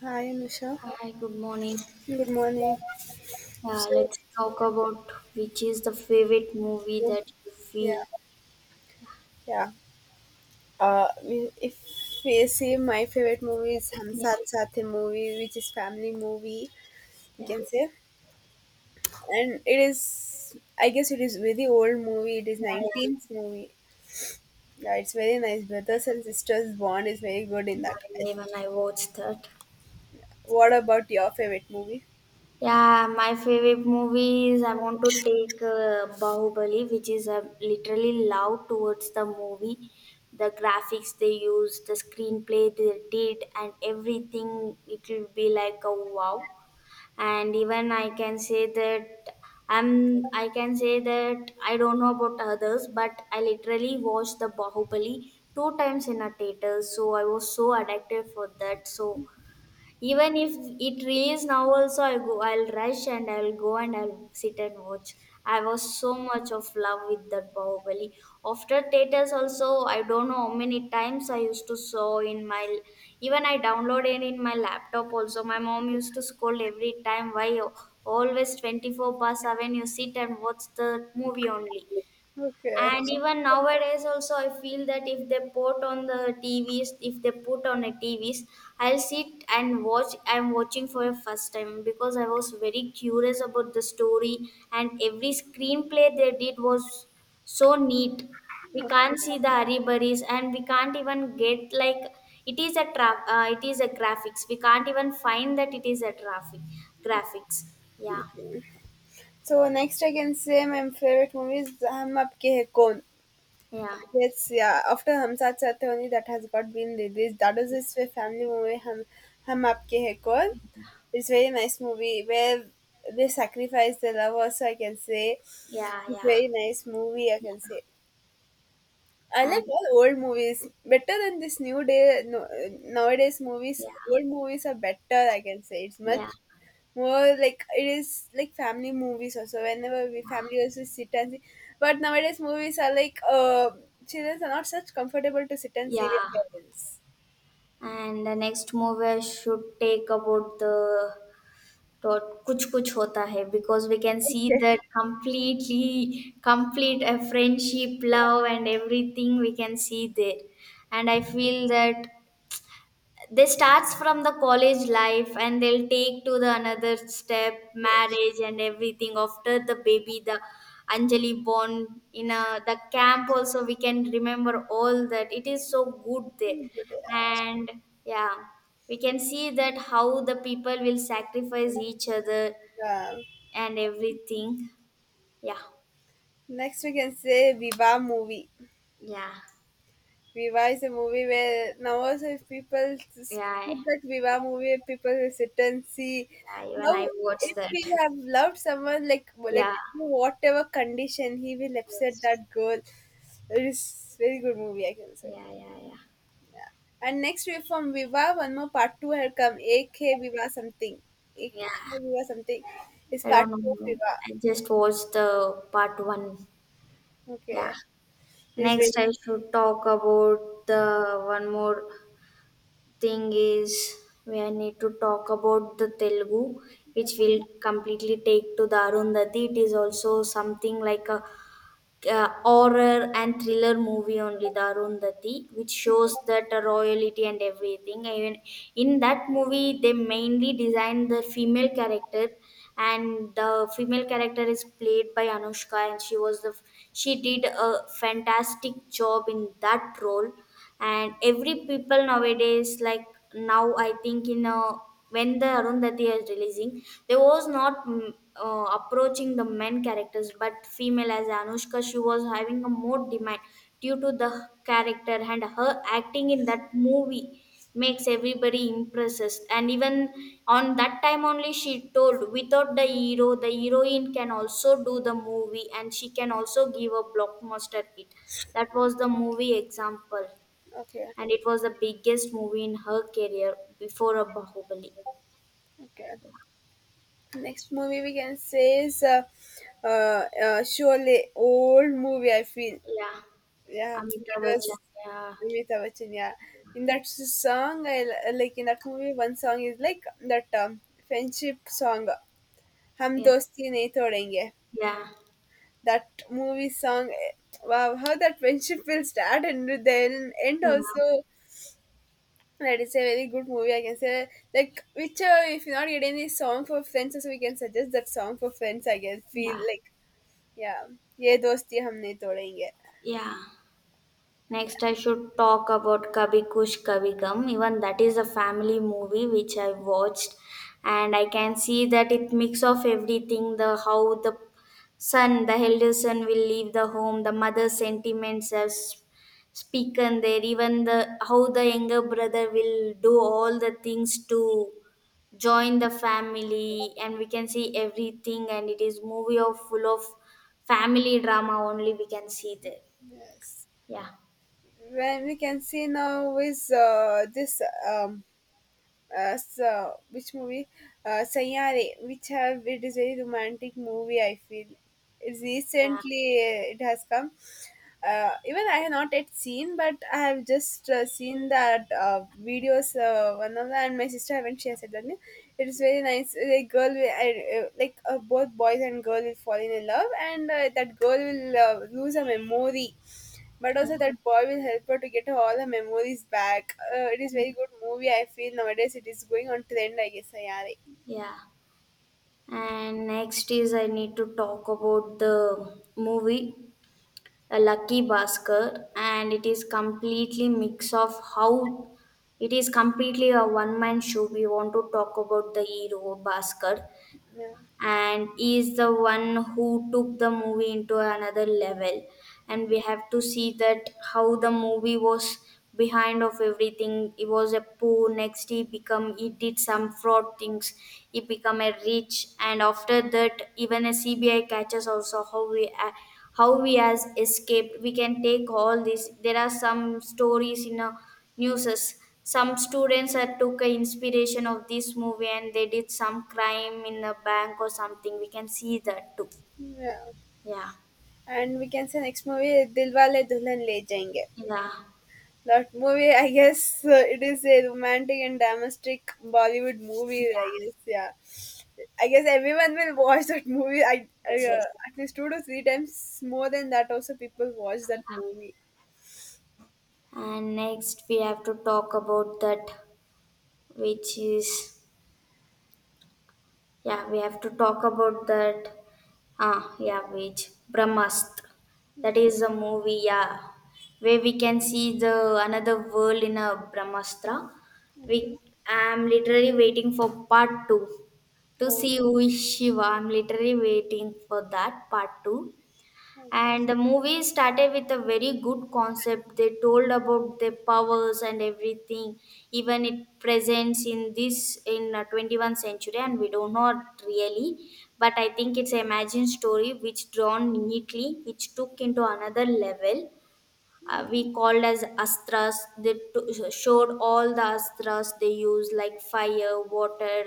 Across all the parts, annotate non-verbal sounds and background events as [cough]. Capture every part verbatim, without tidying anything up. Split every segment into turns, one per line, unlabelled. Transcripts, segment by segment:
Hi, Anusha.
Hi, good morning.
Good morning.
Uh,
So,
let's talk about which is the favorite movie that you
yeah,
feel.
yeah. Uh, we- if we say my favorite movie is Hum
Yeah,
Saath Saath Hai movie, which is family movie, you
yeah,
can say, and it is, I guess, it is very old movie. It is
yeah, yeah,
nineteenth movie. Yeah, it's very nice. Brothers and sisters bond is very good in that, I
yeah, even
think.
I watched that.
What about your favorite movie?
Yeah, my favorite movie is I want to take uh, Bahubali, which is uh, literally love towards the movie. The graphics they used, the screenplay they did, and everything, it will be like a wow. And even I can say that I'm, I can say that I don't know about others, but I literally watched the Bahubali two times in a theater, so I was so addicted for that. So even if it release now also, I'll go, I'll rush and I'll go and I'll sit and watch. I was so much of love with that Bahubali. After theaters also, I don't know how many times I used to saw in my. Even I downloaded in my laptop also. My mom used to scold every time, why you always twenty four past seven you sit and watch the movie only.
Okay.
And even nowadays, also, I feel that if they put on the T Vs, if they put on the T Vs, I'll sit and watch. I'm watching for the first time because I was very curious about the story, and every screenplay they did was so neat. We can't see the hurryburries, and we can't even get like it is a tra- uh, it is a graphics. We can't even find that it is a traffic graphics. Yeah,
So next I can say my favorite movie is Hum Aapke Hai Kaun.
yeah,
Yes, yeah. After Hum Saath Saath Hai only that has got been released. That is his family movie. Hum Hum Aapke Hai Kaun. It's very nice movie where they sacrifice their love. Also, I can say
yeah,
it's
yeah,
very nice movie. I
yeah,
can say I like
and
all old movies better than this new day no, nowadays movies.
yeah.
Old movies are better. I can say it's
Yeah,
much more like it is like family movies also whenever we family also sit and see, but nowadays movies are like uh, children are not such comfortable to sit and see with
yeah.
parents.
And the next movie I should take about the dot kuch kuch hota hai, because we can see that
Yes.
completely complete a friendship, love and everything we can see there. And I feel that they starts from the college life and they'll take to the another step
Yes.
marriage and everything after the baby, the anjali born in a, the camp also, we can remember all that. It is so good there.
[laughs]
And yeah, we can see that how the people will sacrifice each other
Yeah.
and everything. Yeah,
Next we can say Viva movie.
yeah,
Viva is a movie where now also if people s- put
yeah,
that Viva movie, people will sit and see
yeah, even
how
I watched
if we
that.
have loved someone, like let
Yeah.
it be whatever condition, he will upset
Yes,
that girl. It is very good movie, I can say.
yeah, yeah, yeah,
And next we, from Viva, one more part two had come. A K Viva something. A K
yeah.
Viva something is
I
part
don't
two of
know.
Viva.
I just watched the part one. Yeah.
Okay. It is very
Next, I should talk about the one more thing is we I need to talk about the Telugu, which will completely take to the Arundhati. It is also something like a uh, horror and thriller movie only the arundhati, which shows that uh, royalty and everything. Even in that movie, they mainly designed the female character, and the female character is played by anushka, and she was the she did a fantastic job in that role. And every people nowadays like, now I think in a when the arundhati is releasing, there was not mm, uh, approaching the men characters, but female as anushka, she was having a more demand due to the character and her acting in that movie makes everybody impresses. And even on that time only, she told without the hero the heroine can also do the movie, and she can also give a blockbuster hit. That was the movie example.
okay.
And it was the biggest movie in her career before a Bahubali.
Okay. Next movie we can say is uh, uh, uh, Sholay, old movie. I feel,
Yeah,
yeah, that
Amitabh
was
Bachchan. Yeah,
Amitabh Bachchan. Yeah, in that s- song, I l- like in that movie. One song is like that, um, friendship song, "Hum
yeah,
Dosti Nahi Todenge."
yeah,
That movie song, eh, wow, how that friendship will start and then end
yeah,
also. That is a very good movie. I can say, like, which uh, if you're not getting any song for friends, also we can suggest that song for friends. I can feel
yeah,
like, yeah, ये दोस्ती हम नहीं तोड़ेंगे.
yeah. Next, I should talk about Kabhi Kush Kabhi Gum. Even that is a family movie which I watched, and I can see that it mix of everything. The how the son, the elder son, will leave the home. The mother's sentiments are s- spoken there. Even the how the younger brother will do all the things to join the family, and we can see everything. And it is movie of full of family drama only. We can see there.
Yes.
Yeah.
When we can see now is uh, this um, uh, so which movie? Uh, Sayyare, which have, it is very romantic movie. I feel it's
Yeah.
recently uh, it has come. Uh, even I have not yet seen, but I have just uh, seen that uh, videos. Uh, one of them, and my sister haven't. She has said that yeah, it is very nice. A girl will I, uh, like uh, both boys and girl will fall in love, and uh, that girl will uh, lose a memory, but also that boy will help her to get all her memories back. Uh, it is very good movie, I feel. Nowadays it is going on trend, I guess. Yeah, right.
Yeah. And next is I need to talk about the movie A Lucky Bhaskar, and it is completely mix of how it is completely a one man show. We want to talk about the hero Bhaskar,
Yeah,
and he is the one who took the movie into another level. And we have to see that how the movie was behind of everything. He was a poor, next he become he did some fraud things. He become a rich, and after that even a CBI catches also, how we a- how we has escaped, we can take all this. There are some stories in a Newses. Some students had took a inspiration of this movie, and they did some crime in a bank or something. We can see that too.
yeah.
Yeah.
And we can say, next movie, Dilwale Dulhan Le Jayenge.
Yeah.
That movie, I guess, uh, it is a romantic and domestic Bollywood movie,
Yeah.
I guess. Yeah, I guess everyone will watch that movie. I, I
Yes,
uh,
yes.
at least two to three times, more than that. Also, people watch that movie.
And next we have to talk about that which is, yeah, we have to talk about that, ah yeah, which Brahmastra. That is a movie, yeah. Where we can see the another world in a Brahmastra.
Okay.
We I am literally waiting for part two to
Oh,
see who is Shiva. I'm literally waiting for that part two.
okay.
And the movie started with a very good concept. They told about their powers and everything. Even it presents in this in uh, twenty-first century, and we do not really. But I think it's an imagined story which drawn neatly, which took into another level. Uh, we called as astras. They t- showed all the astras they use, like fire, water,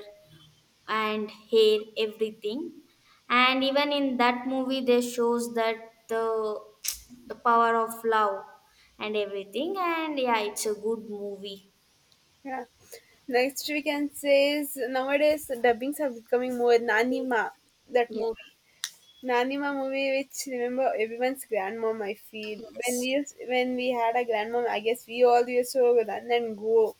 and hair everything. And even in that movie they shows that the the power of love and everything. And yeah, it's a good movie.
Yeah. Next we can say is nowadays dubbings are becoming more Nanima, that
Yeah.
movie. Nanima movie which remember everyone's grandmom, I feel. When we
Yes,
used, when we had a grandmom, I guess we all used to run and go.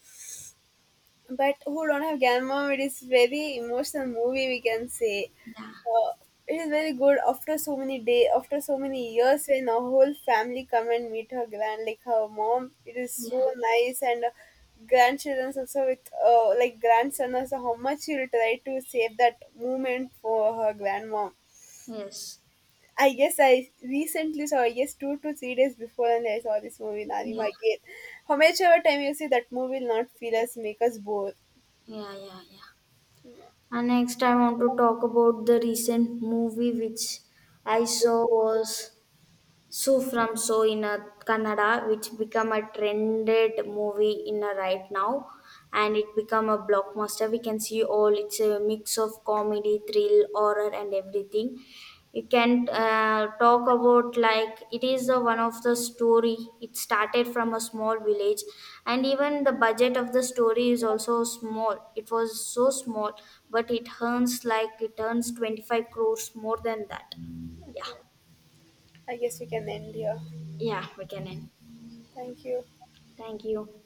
But who don't have grandmom, it is very emotional movie, we can say.
yeah,
Uh, it is very good after so many day, after so many years, when a whole family come and meet her grand, like her mom. It is
yeah,
so nice, and uh, grandchildren also with uh, like grandson also, how much he will try to save that moment for her grandmom.
yes,
I guess I recently saw, I guess, two to three days before, and I saw this movie
yeah,
Narima again. How much ever time you see that movie will not feel us, make us bored.
yeah, yeah, yeah. And next I want to talk about the recent movie which I saw was So from so in a Kannada, which become a trended movie in a right now, and it become a blockbuster. We can see all it's a mix of comedy, thrill, horror, and everything. You can uh, talk about like it is the one of the story. It started from a small village, and even the budget of the story is also small. It was so small, but it earns like it earns twenty five crores more than that. Yeah,
Okay. I guess we can end here.
yeah, we can end.
Thank you.
Thank you.